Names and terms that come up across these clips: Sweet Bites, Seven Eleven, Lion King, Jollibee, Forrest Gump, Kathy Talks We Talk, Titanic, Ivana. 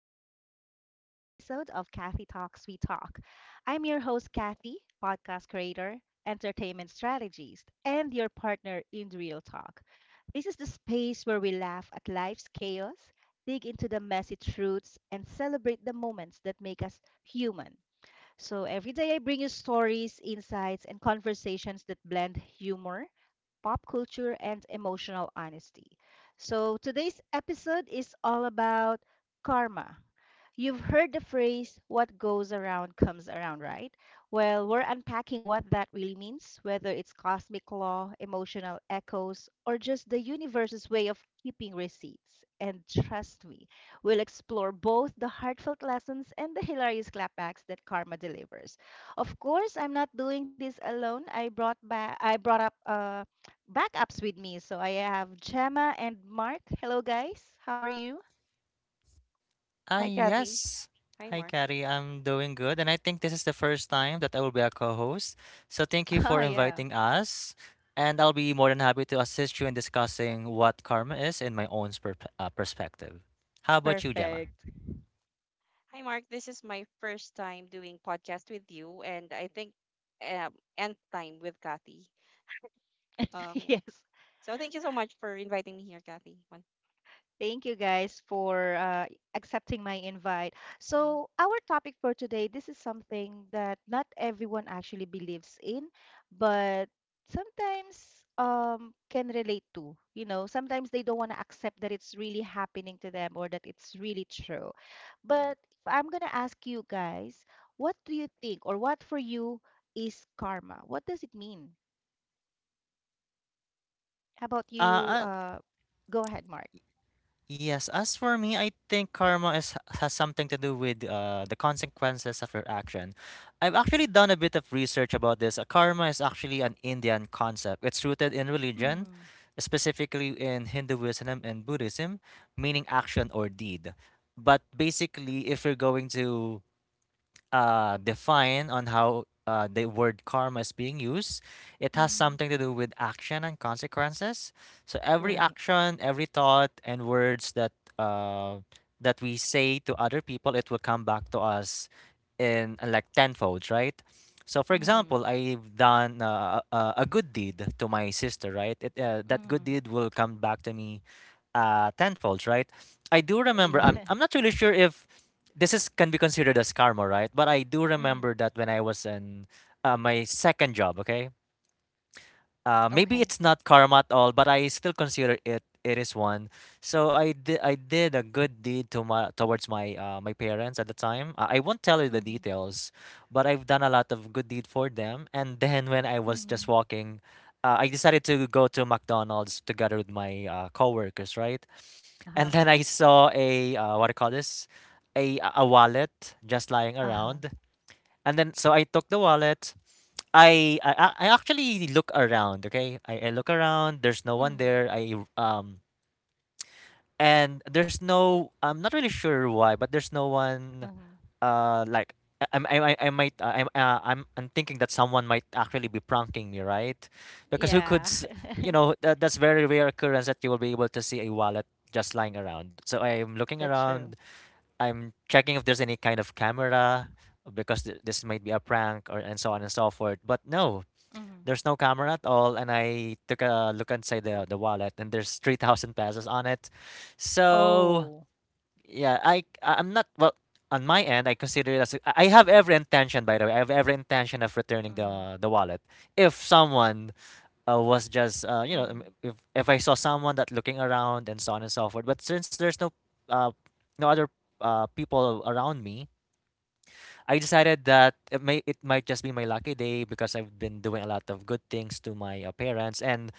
welcome to another episode of Kathy Talks We Talk. I'm your host, Kathy, podcast creator, entertainment strategist, and your partner in Real Talk. This is the space where we laugh at life's chaos, dig into the messy truths, and celebrate the moments that make us human. So every day I bring you stories, insights, and conversations that blend humor pop culture, and emotional honesty. So today's episode is all about karma. You've heard the phrase, what goes around comes around, right? Well, we're unpacking what that really means, whether it's cosmic law, emotional echoes, or just the universe's way of keeping receipts. And trust me, we'll explore both the heartfelt lessons and the hilarious clapbacks that karma delivers. Of course, I'm not doing this alone. I brought up backups with me. So I have Gemma and Mark. Hello guys. How are you? Ah, Hi, Kathy. yes. Hi, Hi, Mark. Carrie. I'm doing good. And I think this is the first time that I will be a co host. So thank you Oh, for yeah. inviting us. And I'll be more than happy to assist you in discussing what karma is in my own perspective. How about you, Gemma? Perfect. Hi, Mark. This is my first time doing podcast with you, and I think nth time with Kathy. Yeah. Yes. So thank you so much for inviting me here, Kathy. One. Thank you guys for accepting my invite. Mhm. So, our topic for today, this is something that not everyone actually believes in, but sometimes can relate to. You know, sometimes they don't want to accept that it's really happening to them or that it's really true. But if I'm going to ask you guys, what do you think or what for you is karma? What does it mean? How about Uh, you? uh, Go ahead, Mark. Yes, as for me, I think karma is has something to do with the consequences of your action. I've actually done a bit of research about this. Karma is actually an Indian concept. It's rooted in religion, Mm-hmm. specifically in Hinduism and Buddhism, meaning action or deed. But basically, if you're going to define on how the word karma is being used. It has something to do with action and consequences. So every Right. action, every thought, and words that uh, that we say to other people, it will come back to us in like tenfold, right? So, for Mm, example, I've done a good deed to my sister, right? That good mm. deed will come back to me tenfold, right? I do Oh, remember. I'm yeah. I'm not really sure if this is can be considered as karma, right? But I do Mhm. remember that when I was in my second job, okay, maybe Okay. it's not karma at all, but I still consider it is one. So I did a good deed to my towards my my parents at the time. I won't tell you the Mhm. details, but I've done a lot of good deed for them. And then when I was just Mhm. walking. I decided to go to McDonald's together with my coworkers, right? And Uh-huh. then I saw a what do you call this? A wallet just lying Uh-huh. around. And then so I took the wallet. I actually look around, okay? I look around, there's no one Mhm. there. I and there's no I'm not really sure why, but there's no one Mhm. Like I might I'm thinking that someone might actually be pranking me, right? Because Yeah. You know that, that's very rare occurrence that you will be able to see a wallet just lying around. So I'm looking That's around true. I'm checking if there's any kind of camera because this might be a prank or and so on and so forth. But no, Mhm. there's no camera at all. And I took a look inside Mm. The wallet and there's 3,000 pesos on it. So Oh. yeah, I'm not well on my end. I consider it as I have every intention by the way. I have every intention of returning Mhm. The wallet if someone was just Mhm. If I saw someone that looking around and so on and so forth. But since there's uh, no other people around me, I decided that it might just be my lucky day because I've been doing a lot of good things to my parents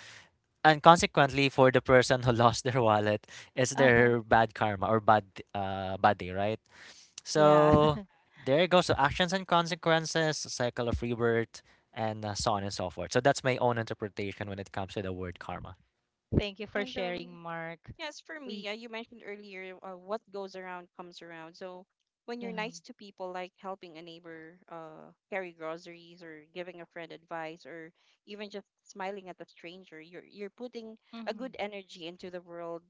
and consequently for the person who lost their wallet, it's Uh-huh. their bad karma or bad day, right? Yeah. So there you go. So actions and consequences, cycle of rebirth, and so on and so forth. So that's my own interpretation when it comes to the word karma. Thank you for And sharing, Mark. yes, for We, me, you mentioned earlier what goes around comes around. So when you're yeah. nice to people, like helping a neighbor carry groceries, or giving a friend advice, or even just smiling at a stranger, you're putting a Mhm. good energy into the world.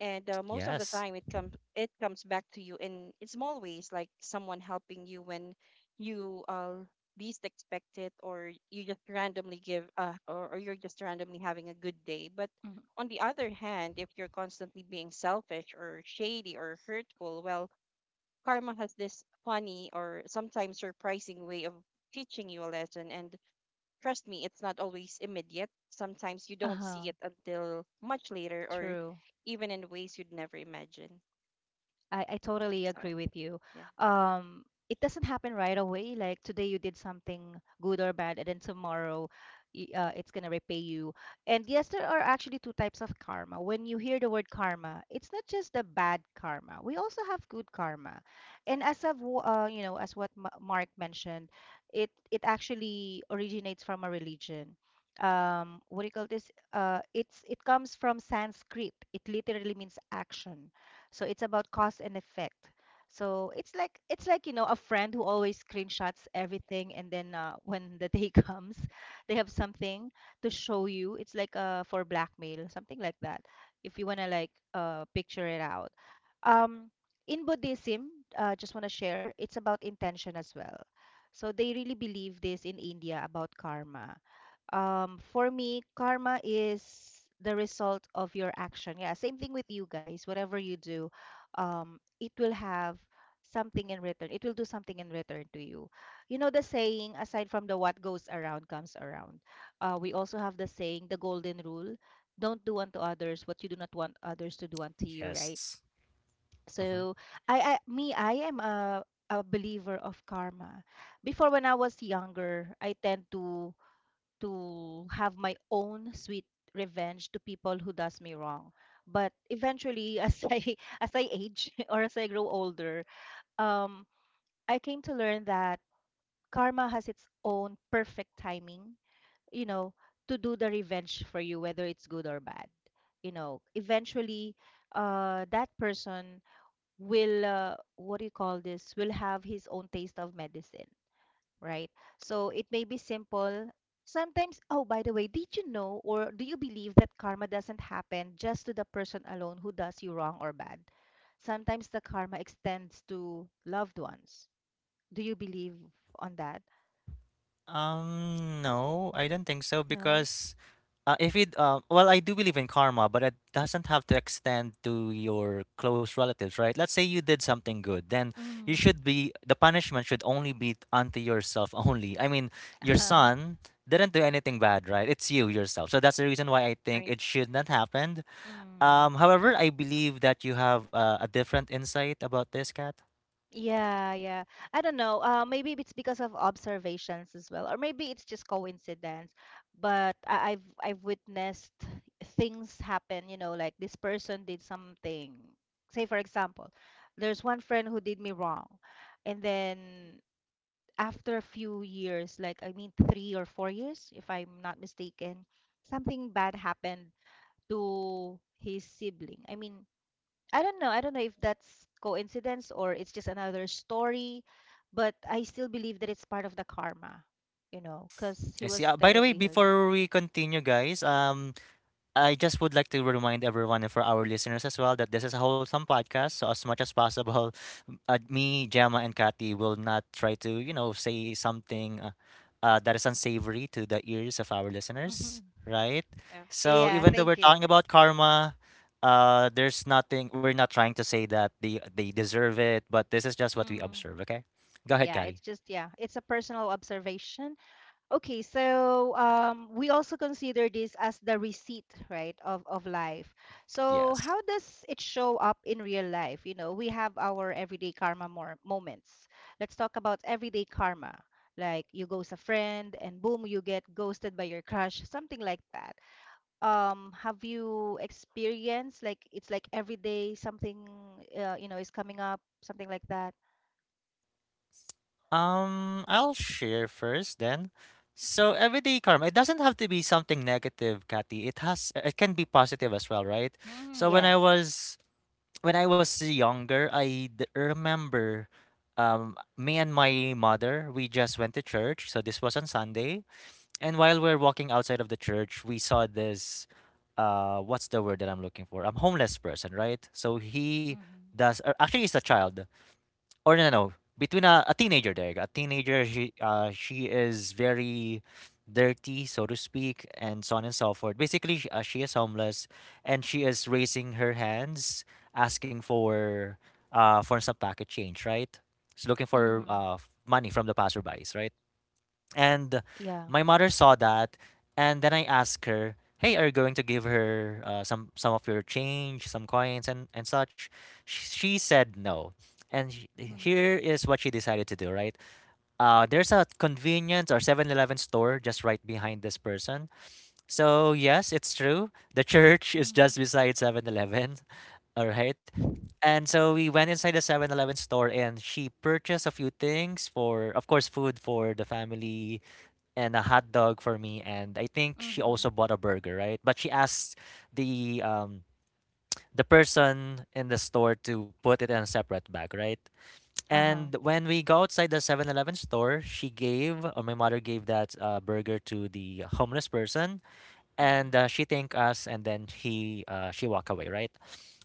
And most of the Yes. time, it comes back to you in small ways, like someone helping you when you least expect it, or you just randomly or you're just randomly having a good day. But Mhm. on the other hand, if you're constantly being selfish or shady or hurtful, well, karma has this funny or sometimes surprising way of teaching you a lesson. And trust me, it's not always immediate. Sometimes you don't Uh-huh. see it until much later or True. even in ways you'd never imagine. I totally So, agree with you. yeah. Um, it doesn't happen right away. Like today you did something good or bad, and then tomorrow it's going to repay you. And yes, there are actually two types of karma. When you hear the word karma, it's not just the bad karma. We also have good karma. And Yep. as I've, w- you know, as what Mark mentioned, it actually originates from a religion. What do you call this? It comes from Sanskrit. It literally means action. So it's about cause and effect. So it's like you know a friend who always screenshots everything, and then when the day comes, they have something to show you. It's like for blackmail, something like that. If you wanna like picture it out. Um, in Buddhism, just wanna share, it's about intention as well. So they really believe this in India about karma. For me, karma is the result of your action. Yeah, same thing with you guys. Whatever you do, it will have something in return. It will do something in return to you. You know the saying, aside from the what goes around comes around, we also have the saying the golden rule. Don't do unto others what you do not want others to do unto you, right? Yes. hmm So I am a believer of karma. Before when I was younger I tend to have my own sweet revenge to people who does me wrong. But eventually, as I as I age or as I grow older, um, I came to learn that karma has its own perfect timing. You know, to do the revenge for you, whether it's good or bad. You know, eventually, that person will what do you call this? Will have his own taste of medicine, right? So it may be simple. Sometimes, oh, by the way, did you know or do you believe that karma doesn't happen just to the person alone who does you wrong or bad? Sometimes the karma extends to loved ones. Do you believe on that? No, I don't think so No? because if it well, I do believe in karma, but it doesn't have to extend to your close relatives, right? Let's say you did something good, then you Mm. should be the punishment should only be unto yourself only. I mean, your Uh-huh. son didn't do anything bad, right? It's you yourself. So that's the reason why I think Right. it should not happen. Mm. However, I believe that you have a different insight about this, Kat. Yeah, yeah. I don't know. Maybe it's because of observations as well, or maybe it's just coincidence. But I've witnessed things happen. You know, like this person did something. Say, for example, there's one friend who did me wrong, and then after a few years, like I mean 3 or 4 years, if I'm not mistaken, something bad happened to his sibling. I mean, I don't know. I don't know if that's coincidence or it's just another story, but I still believe that it's part of the karma, because he I see. was By the way, terribly hurt. before we continue, guys, I just would like to remind everyone and for our listeners as well that this is a wholesome podcast. So as much as possible, me, Gemma, and Kathy will not try to, you know, say something that is unsavory to the ears of our Hmm. listeners, right? Yeah. So Yeah, even though thank we're you. talking about karma, there's nothing. We're not trying to say that they deserve it, but this is just what we Hmm. observe. Okay, go ahead, Yeah, it's Kathy. just, yeah, it's a personal observation. Okay, so we also consider this as the receipt, right, of life. So Yes. how does it show up in real life? You know, we have our everyday karma more moments. Let's talk about everyday karma. Like you ghost a friend and boom, you get ghosted by your crush, something like that. Have you experienced like it's like every day something is coming up, something like that? I'll share first then. So everyday karma, it doesn't have to be something negative, Kathy. It can be positive as well, right? Mm, So yes. When I was younger, remember me and my mother, we just went to church. So this was on Sunday. And while we are walking outside of the church, we saw this what's the word that I'm looking for? A homeless person, right? So he Mm-hmm. does or actually it's a child or no, no, no, between a teenager. A teenager. She is very dirty, so to speak, and so on and so forth. Basically, she is homeless, and she is raising her hands, asking for some packet change, right? She's looking for Mm-hmm. Money from the passerbys, right? And Yeah. my mother saw that, and then I asked her, "Hey, are you going to give her some of your change, some coins, and such?" She said no, and Mm-hmm. here is what she decided to do. Right, there's a convenience or 7-Eleven store just right behind this person. So yes, it's true. The church is Mm-hmm. just beside 7-Eleven. Right. And so we went inside the 7-Eleven store and she purchased a few things for, of course, food for the family and a hot dog for me and I think she also Mhm. bought a burger, right? But she asked the um the person in the store to put it in a separate bag, right? Uh-huh. And when we go outside the 7-Eleven store, she gave or my mother gave that burger to the homeless person and Mhm. She thanked us and then he she walked away, right?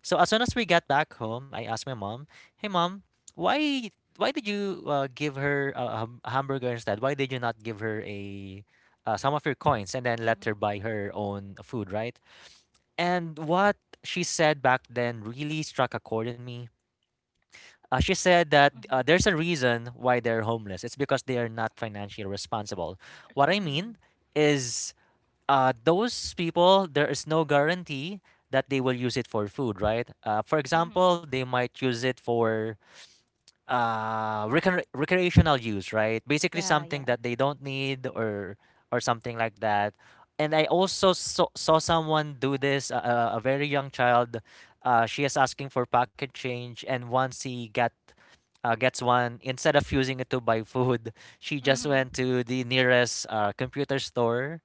So as soon as we got back home, I asked my mom, "Hey mom, why why did you give her a hamburger instead? Why did you not give her a some of your coins and then let her Mhm. buy her own food, right?" And what she said back then really struck a chord in me. She said that Mhm. there's a reason why they're homeless. It's because they are not financially responsible. It's- What I mean Mm. is those people, there is no guarantee that they will use it for food, right? For example, Mhm. they might use it for recreational use, right? Basically, Yeah, something yeah. that they don't need or something like that. And I also saw someone do this, a very young child. She is asking for pocket change, and once he got gets one, instead of using it to buy food, she just Mhm. went to the nearest computer store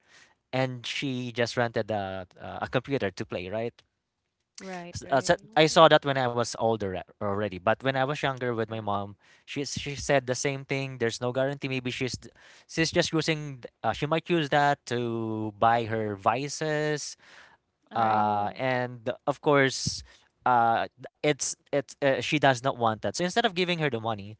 and she just rented a computer to play, right? Right, So right. I saw Mhm. that when I was older already, but when I was younger with Yeah. my mom, she said the same thing. There's no guarantee. Maybe she's just using. She might use that to buy her vices. Right. Oh, And of course, uh, it's she does not want that. So instead of giving her the money,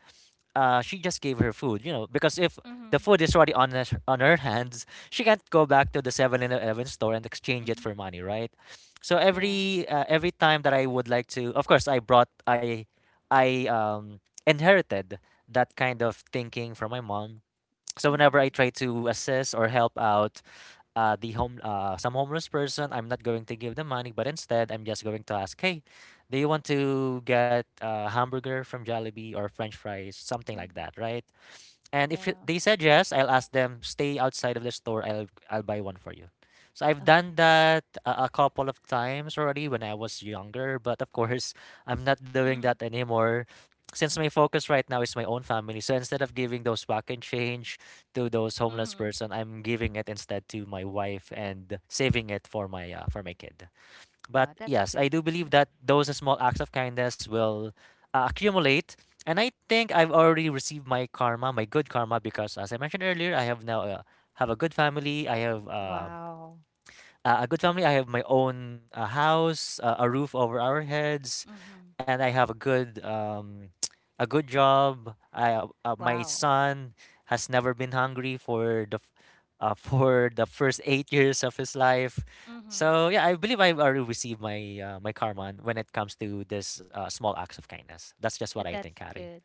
she just gave her food, you know, because if the Mhm. food is already on her hands, she can't go back to the 7-Eleven store and exchange it Mhm. for money, right? So yeah. Every time that I would like to, of course, I brought I inherited that kind of thinking from my mom. So whenever I Mhm. try to assist or help out, the home some homeless person. I'm not going to give them money, but instead I'm just going to ask, hey, do you want to get a hamburger from Jollibee or French fries, something like Mhm. that, right? And if Yeah. they said yes, I'll ask them stay outside of the store. I'll buy one for you. So I've done Okay. that a couple of times already when I was younger, but of course I'm not doing that Mhm. anymore since my focus right now is my own family. So instead of giving those back and change to those homeless Mhm. person, I'm giving it instead to my wife and saving it for my kid. But Wow, that's yes, I good. do believe that those small acts of kindness will accumulate. And I think I've already received my karma, my good karma, because as I mentioned earlier, I have now have a good family. I have Wow. a good family. I have my own house, a roof over our heads, Mhm. and I have a good job. I my Wow. son has never been hungry for for the first 8 years of his life. Mhm. So yeah, I believe I've already received my my karma when it comes to this small acts of kindness. That's just what I think, That's Kari. good.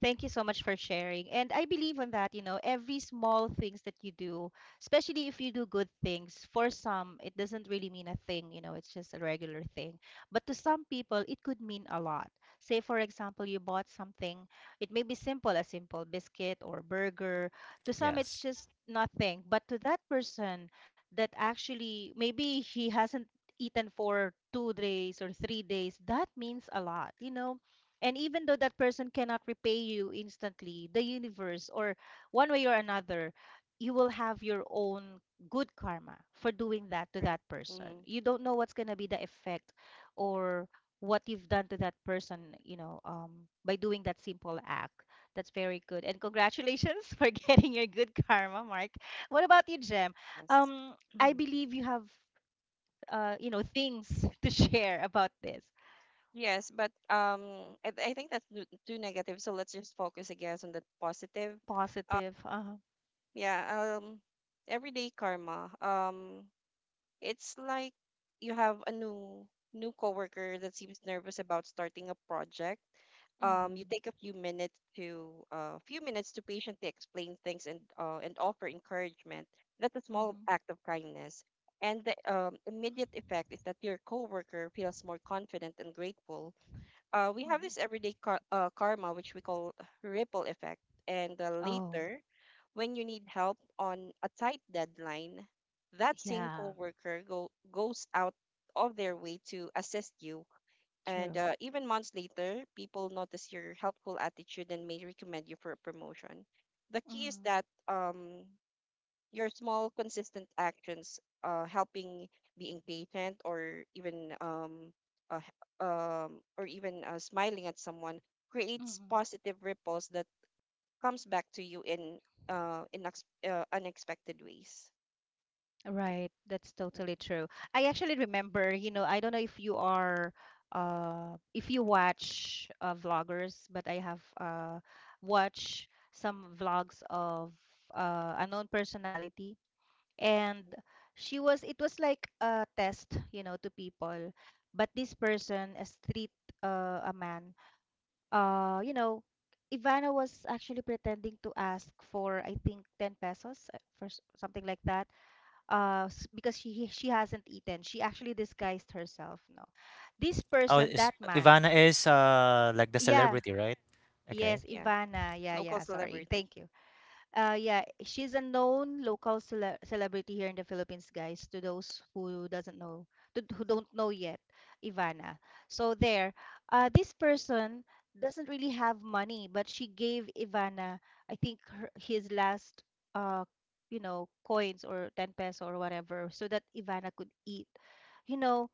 Thank you so much for sharing. And I believe on that, every small things that you do, especially if you do good things, for some, it doesn't really mean a thing, it's just a regular thing. But to some people, it could mean a lot. Say, for example, you bought something, it may be simple, a simple biscuit or burger. To some, it's Yes. just nothing. But to that person that actually, maybe he hasn't eaten for 2 days or 3 days, that means a lot, and even though that person cannot repay you instantly, the universe, or one way or another, you will have your own good karma for doing that to that Right. person. Hmm. You don't know what's going to be the effect or what you've done to that person, by doing that simple act. That's very good. And congratulations for getting your good karma, Mark. What about you, Jem? Yes. Um, I Mhm. believe you have, things to share about this. Yes, but I think that's too negative. So let's just focus, I guess, on the positive. Positive. Uh-huh. Yeah. Everyday karma, it's like you have a new coworker that seems nervous about starting a project. You Hmm. take a few minutes to patiently explain things, and offer encouragement. That's a small Mhm, act of kindness, and the immediate effect is that your coworker feels more confident and grateful. We have mhm. this everyday karma, which we call ripple effect. And Oh, later, when you need help on a tight deadline, that same yeah, coworker goes out of their way to assist you. true. And even months later, people notice your helpful attitude and may recommend you for a promotion. The key is Mhm, that, your small consistent actions, helping, being patient, or even uh, h- smiling at someone, creates mhm. positive ripples that comes back to you in unexpected ways. Right, that's Mhm. totally true. I actually remember, I don't know if you watch vloggers, but I have watched some vlogs of unknown personality, and she was it was like a test, to people. But this person street, a man, uh, you know, Ivana was actually pretending to ask for, I think, 10 pesos, for something like that, because she hasn't eaten. She actually disguised herself. No, this Oh, person, is, that man, Ivana is like the yeah, celebrity, right? Okay. yes, Yeah, Ivana, yeah, local yeah. Sorry, celebrity. thank you. Yeah, she's a known local celebrity here in the Philippines, guys, to those who doesn't know, who don't know yet, Ivana. So there, this person doesn't really have money, but she gave Ivana, I think, her, his last, uh, coins or 10 peso or whatever, so that Ivana could eat. You know,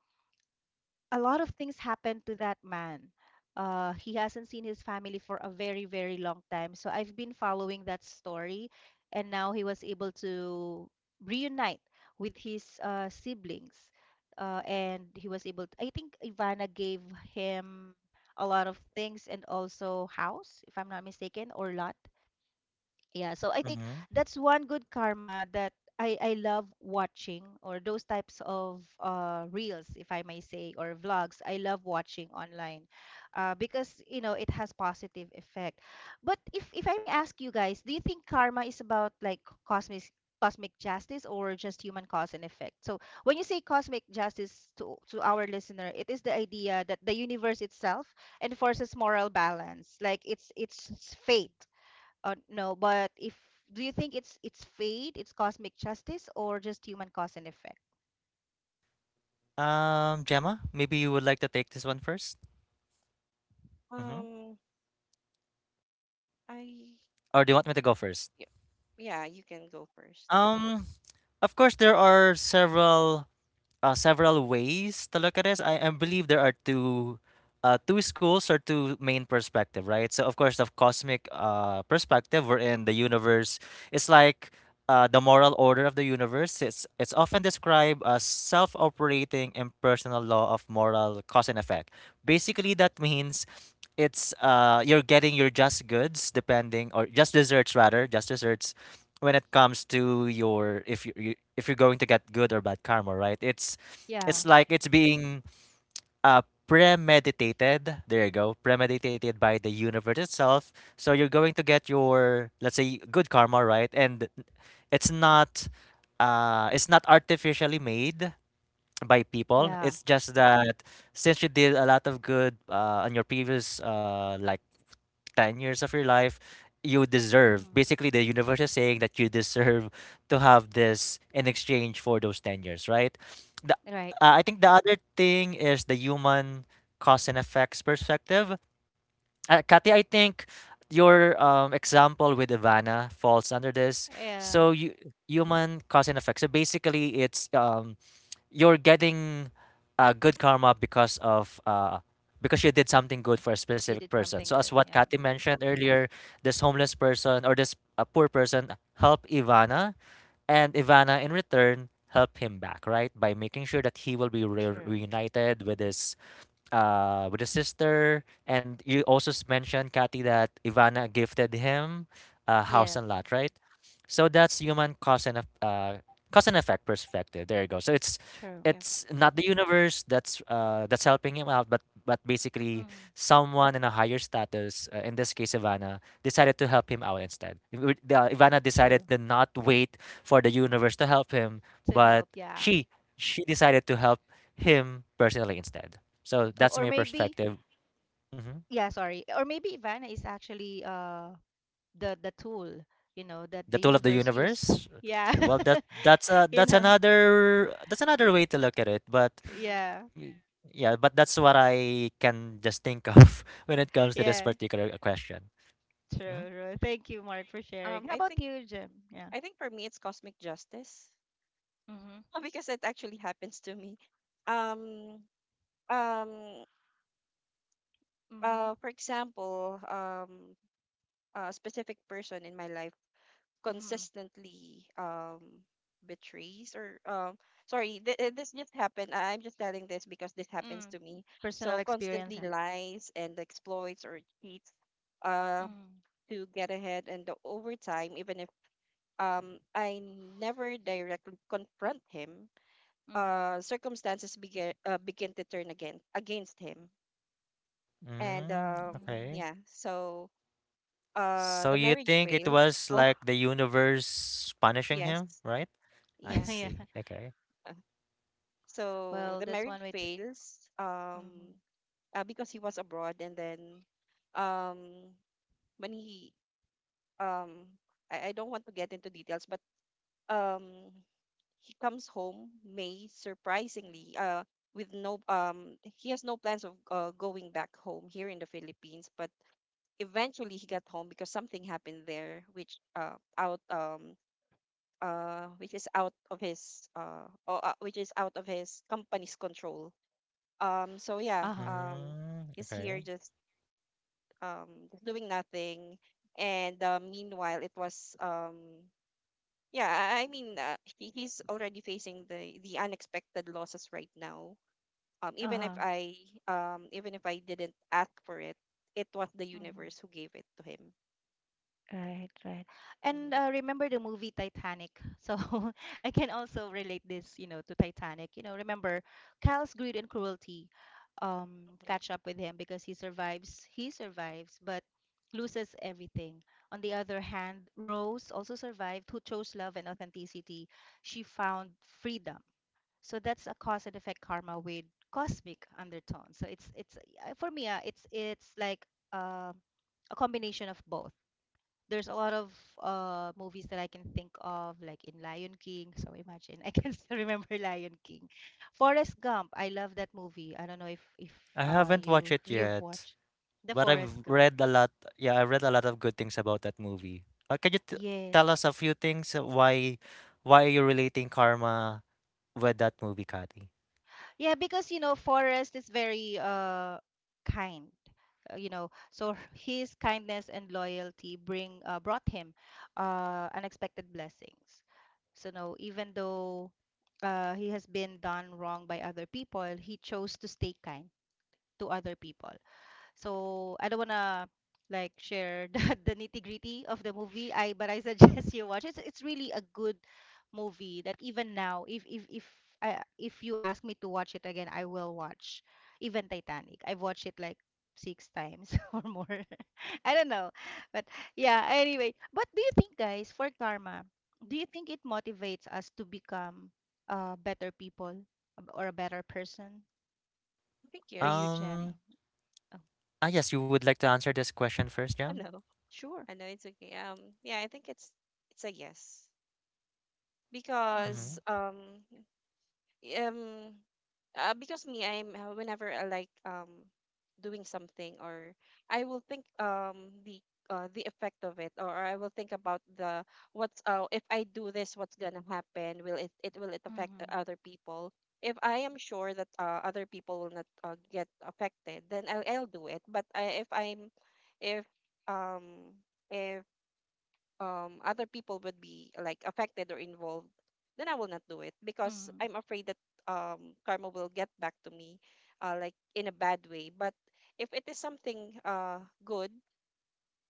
a lot of things happened to that man. He hasn't seen his family for a very, very long time. So I've been following that story, and now he was able to reunite with his siblings. And he was able I think Ivana gave him a lot of things and also house, if I'm not mistaken, or lot. Yeah, so I think Mm-hmm. that's one good karma that I love watching, or those types of reels, if I may say, or vlogs. I love watching online, because you know it has positive effect. But if I may ask you guys, do you think karma is about like cosmic justice or just human cause and effect? So when you say cosmic justice to our listener, it is the idea that the universe itself enforces moral balance, like it's fate, no, but if do you think it's fate, it's cosmic justice, or just human cause and effect? Gemma, maybe you would like to take this one first. Mm-hmm. um i Or do you want me that's a, to go first? yeah, yeah, you can go first. Um, of course, there are several several ways to look at this. I believe there are two two schools or two main perspective, right? So of course, the cosmic perspective, wherein the universe is like the moral order of the universe. It's often described as self-operating impersonal law of moral cause and effect. Basically, Mm. that means it's you're getting your just goods depending or just desserts rather just desserts when it comes to your if you, if you're going to get good or bad karma, right? It's Yeah, it's like it's being uh premeditated. There you go. Premeditated by the universe itself. So you're going to get your, let's say, good karma, right? And it's not it's not artificially made by people. yeah, It's just that since you did a lot of good on your previous like 10 years of your life, you deserve. mm, Basically, the universe is saying that you deserve to have this in exchange for those 10 years, right? The, right. I think the other thing is the human cause and effects perspective. Kathy, I think your example with Ivana falls under this. Yeah, So you human cause and effect. So basically, it's you're getting good karma because of because you did something good for a you specific did person. something So as good. what Yeah, Kathy mentioned earlier, this homeless person or this poor person helped Ivana, and Ivana in return helped him back, right? By making sure that he will be true. reunited with his sister. And you also mentioned, Kathy, that Ivana gifted him a house Yes, and lot, right? So that's human cause and effect perspective. There you go. So it's true. Yeah. it's not the universe that's helping him out, but basically Mm, someone in a higher status, in this case Ivana, decided to help him out instead. Ivana decided true. to not wait for the universe to help him, To but help, yeah. she she decided to help him personally instead. So Or, that's or my maybe, perspective. Hmm. yeah, sorry. Or maybe Ivana is actually the tool, that The the tool of the universe used. universe. Yeah. Well, You that's know. another way to look at it. But Mhm. Yeah. y- yeah, but that's what I can just think of when it comes to this Yeah. particular question. Mm, True, true. Thank you, Mark, for um sharing. How i about think you, Jim? Yeah. I think for me it's cosmic justice. Mm-hmm. Because it actually happens to me. um um Mm-hmm. For example, a specific person in my life Mm-hmm. consistently betrays, or, sorry, this just happened. I'm just telling this because this happens Mm. to me. Personal So experience, constantly yeah. lies and exploits or cheats, uh Mm. to get ahead. And the overtime, even if I never directly confront him, Mm-hmm. Circumstances begin to turn again against him. and mm, um okay. yeah, so, So the you marriage think it fail. was Oh, like the universe punishing yes. him, right? I Mm. Yes. see. Yeah. Okay. Uh, so Well, the that's one marriage way to. fails, Mm-hmm. Because he was abroad. And then um when he um I don't want to get into details, but um he comes home, may surprisingly, with no, he has no plans of going back home here in the Philippines, but eventually he got home because something happened there, which is out of his company's control. So yeah, Uh-huh. Mm, he's here okay. Just doing nothing, and meanwhile it was, yeah, I mean, he's already facing the unexpected losses right now. Um, even if Uh-huh. I Even if I didn't ask for it, it was the universe who Mm-hmm. gave it to him. Right, right. And Hmm. Remember the movie Titanic. So I can also relate this, to Titanic. You know, remember Kyle's greed and cruelty um, catch Hmm. up with him because he survives. He survives, but loses everything. On the other hand, Rose also survived, who chose love and authenticity. She found freedom. So that's a cause and effect karma with cosmic undertone. So it's for me, it's like uh, a combination of both. There's a lot of movies that I can think of, like in Lion King. So imagine I can still remember Lion King. Forrest Gump, I love that movie. I don't know if if I uh haven't you watched if it you've yet. watched the But I've Forrest Gump. read a lot. Yeah, I read a lot of good things about that movie. Can you tell Yes. us a few things why are you relating karma with that movie, Kathy? Yeah, because you know Forrest is very kind. You know, so his kindness and loyalty bring brought him unexpected blessings. So no, even though he has been done wrong by other people, he chose to stay kind to other people. So I don't wanna like share the nitty-gritty of the movie. I but I suggest you watch it. It's really a good movie that even now, if you ask me to watch it again, I will watch. Even Titanic, I've watched it like six times or more. I don't know, but yeah. Anyway, but do you think, guys, for karma, do you think it motivates us to become better people, or a better person? I think For you, yes. Um, Gemma? Oh, yes, you would like to answer this question first, I Jam? know. sure. I know, it's okay. Yeah, I think it's a yes. Mm-hmm. Because, Mm-hmm. Um because me I'm whenever I like, doing something, or I will think, the effect of it, or I will think about the what's if I do this, what's gonna happen, will it affect the Mhm, other people. If I am sure that, other people will not, get affected, then I'll do it. But I, if I'm if um if other people would be like affected or involved, then I will not do it, because mhm, I'm afraid that, karma will get back to me, like, in a bad way. But if it is something good,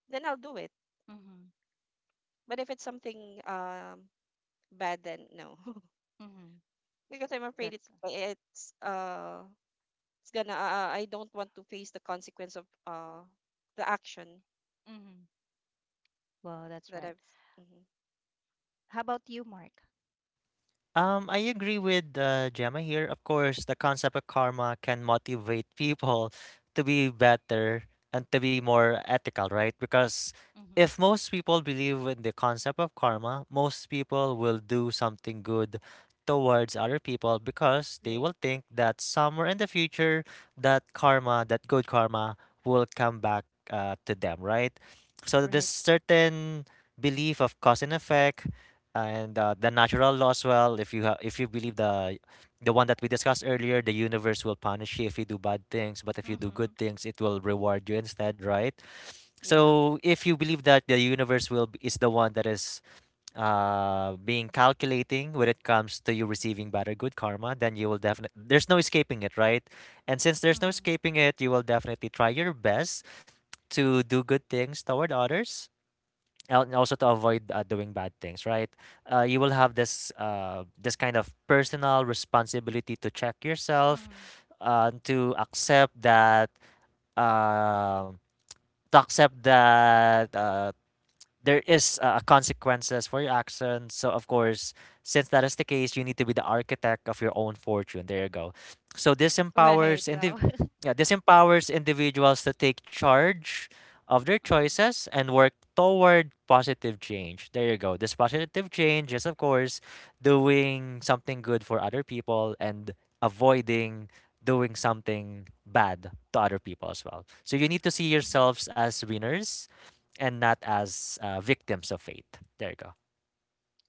then I'll do it. mhm, But if it's something, Y- bad, then no. mhm, Because I'm afraid, it, that's it's uh it's gonna I don't want to face the consequence of, the action mhm, wow, that's that right. I've... Mhm. How about you, Mark? I agree with Gemma here. Of course, the concept of karma can motivate people to be better and to be Mhm. more ethical, right? Because Mhm, if most people believe in the concept of karma, most people will do something good towards other people because they Right, will think that somewhere in the future, that karma, that good karma, will come back to them, right? So this right. right. certain belief of cause and effect and the natural law as well, if you believe the one that we discussed earlier, the universe will punish you if you do bad things, but if you do good Mhm, things it will reward you instead, right? yeah. So if you believe that the universe will is the one that is being calculating when it comes to you receiving bad or good karma, then you will definitely, there's no escaping it, right? And since there's no Mhm, escaping it, you will definitely try your best to do good things toward others, and also to avoid doing bad things, right? Uh, you will have this this kind of personal responsibility to check yourself mhm, to accept that uh, to accept that uh, there is consequences for your actions. So of course, since that is the case, you need to be the architect of your own fortune. There you go. So this right. Wow. yeah, this empowers individuals to take charge of their Mhm, choices and work toward positive change. There you go. This positive change is of course doing something good for other people and avoiding doing something bad to other people as well. So you need to see mhm. yourselves as winners and not as victims of fate. There you go.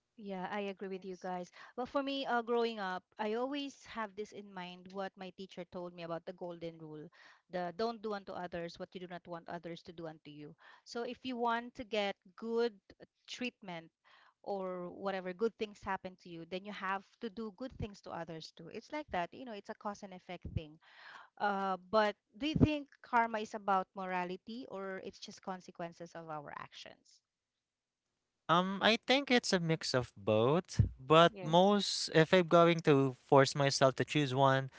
Yeah, I agree with you Yes, guys. Well, for me, growing up, I always have this in mind what my teacher told me about the golden rule, the don't do unto others what you do not want others to do unto you. So if you want to get good treatment or whatever, good things happen to you, then you have to do good things to others too. It's like that, you know, it's a cause and effect thing. But do you think karma is about morality or it's just consequences of our actions? I think it's a mix of both, but yes. Mm-hmm. most, if I'm going to force myself to choose one,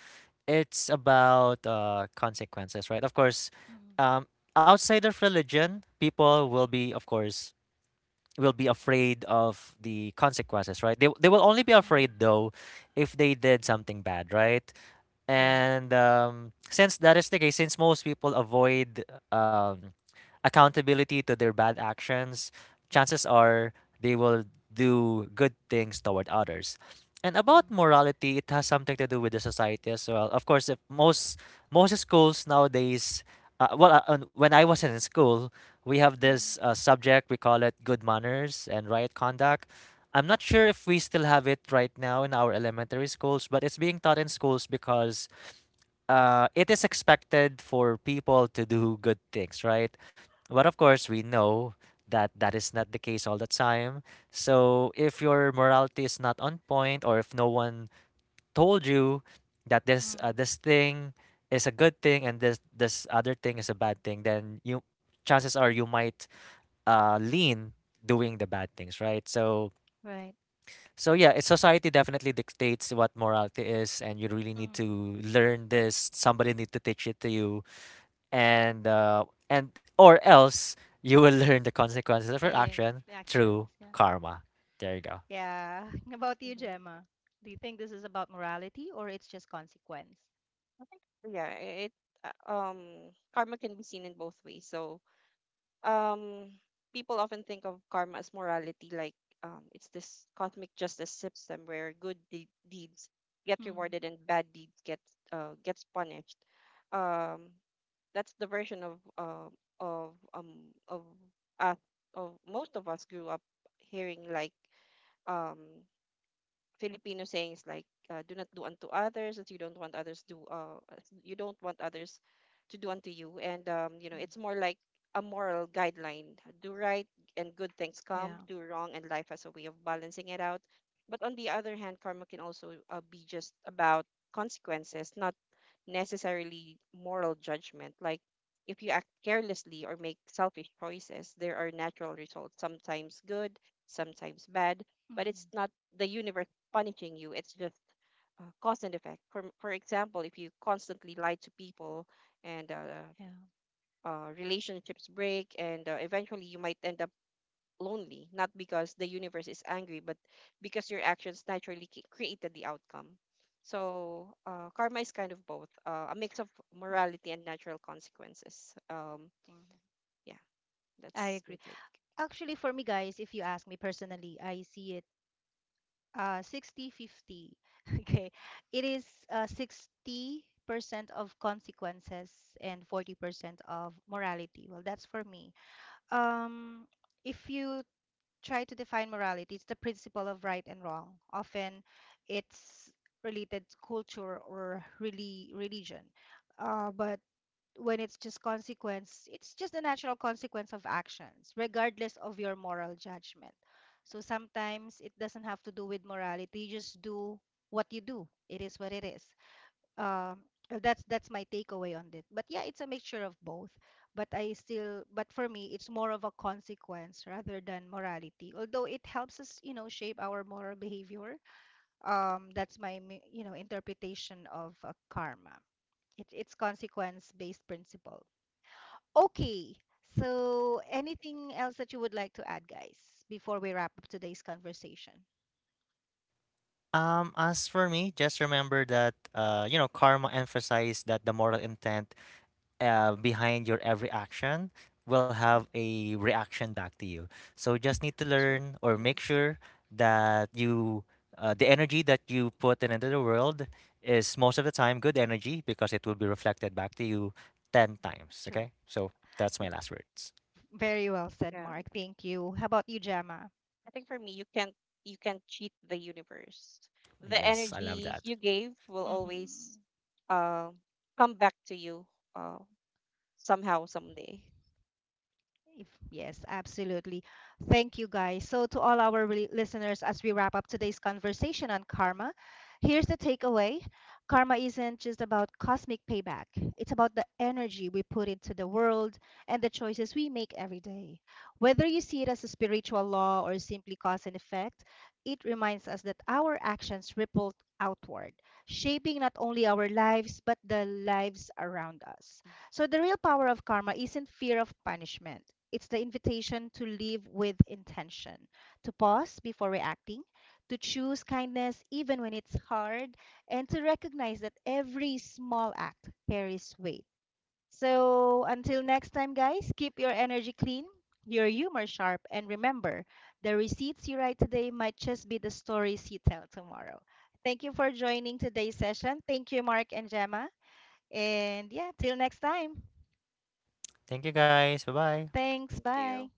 it's about consequences, right? Of course, Mm-hmm. um, outside of religion, people will be, of course, will be afraid of the consequences, right? They will only be Mm-hmm. afraid though if they did something bad, right? Yeah. And since that is the case, since most people avoid um, accountability to their bad actions, chances are they will do good things toward others. And about Mm. morality, it has something to do with the society as well. Of course, if most most schools nowadays, when I was in school, we have this Mhm, subject we call it good manners and right conduct. I'm not sure if we still have it right now in our elementary schools, but it's being taught in schools because it is expected for people to do good things, right? But of course, we know that that is not the case all the time. So if your morality is not on point, or if no one told you that mhm. this thing is a good thing and this other thing is a bad thing, then you chances are you might lean doing the bad things, right? So Right. so yeah, it's society definitely dictates what morality is, and you really need to Mm. learn this. Somebody need to teach it to you and or else you will learn the consequences of Yeah, your yeah, action the actions. through Yeah. karma. There you go. Yeah. About you, Mhm. Gemma. Do you think this is about morality or it's just consequence? Yeah. it uh, um Karma can be seen in both ways. So, um people often think of karma as morality. Like, it's this cosmic justice system where good deeds get Mm, rewarded, and bad deeds get gets punished. um that's the version of um of us of most of us grew up hearing. Like, um Filipino sayings like, "do not do unto others as you don't want others to do unto you," and, mm, it's more like a moral guideline: do right and good things yeah. come, do wrong and life has a way of balancing it out. But on the other hand, karma can also, be just about consequences, not necessarily moral judgment. Like, if you act carelessly or make selfish choices, there are natural results, sometimes good, sometimes bad, but it's Mm, not the universe punishing you. It's just, cause and effect. For example, if you constantly lie to people and, yeah. Relationships break, and, eventually you might end up lonely, not because the universe is angry, but because your actions naturally created the outcome. So, karma is kind of both, a mix of Mm, morality and natural consequences. Mm. Yeah, I that's my agree. take. Actually, for me, guys, if you ask me personally, I see it 60-50. Okay. It is 60% of consequences and 40% of morality. Well, that's for me. Um, if you try to define morality. It's the principle of right and wrong. Often it's related to culture or really religion. But when it's just consequence, it's just a natural consequence of actions, regardless of your moral judgment. So sometimes it doesn't have to do with morality. You just do what you do. It is what it is. um well, that's my takeaway on it, but yeah, it's a mixture of both, but I still but for me, it's more of a consequence rather than morality, although it helps us, you know, shape our moral behavior. That's my mi- you know, interpretation of karma. It's consequence based principle. Okay, so anything else that you would like to add, guys, before we wrap up today's conversation? As for me, just remember that you know, karma emphasized that the moral intent behind your every action will have Mm, a reaction back to you. So just need to true, learn or make Yes. sure that you the energy that you put in into the world is most of the time good energy because it will be reflected back to you 10 times. true. Okay? So that's my last words. Very well said, Yeah. Mark, thank you. How about you, Jama? I think for me, you can't cheat the universe. The Yes, I love energy that. you gave will always, Mhm. uh, come back to you, uh, somehow, someday. If, yes, absolutely. Thank you, guys. So, to all our re- listeners, as we wrap up today's conversation on karma, here's the takeaway. Karma isn't just about cosmic payback, it's about the energy we put into the world and the choices we make every day. Whether you see it as a spiritual law or simply cause and effect, it reminds us that our actions ripple outward, shaping not only our lives, but the lives around us. So the real power of karma isn't fear of punishment. It's the invitation to live with intention, to pause before reacting, to choose kindness even when it's hard, and to recognize that every small act carries weight. So until next time, guys, keep your energy clean, your humor sharp, and remember the receipts you write today might just be the stories you tell tomorrow. Thank you for joining today's session. Thank you, Mark and Gemma. And yeah, till next time. Thank you guys. Bye bye. Thanks. Thank Bye. you.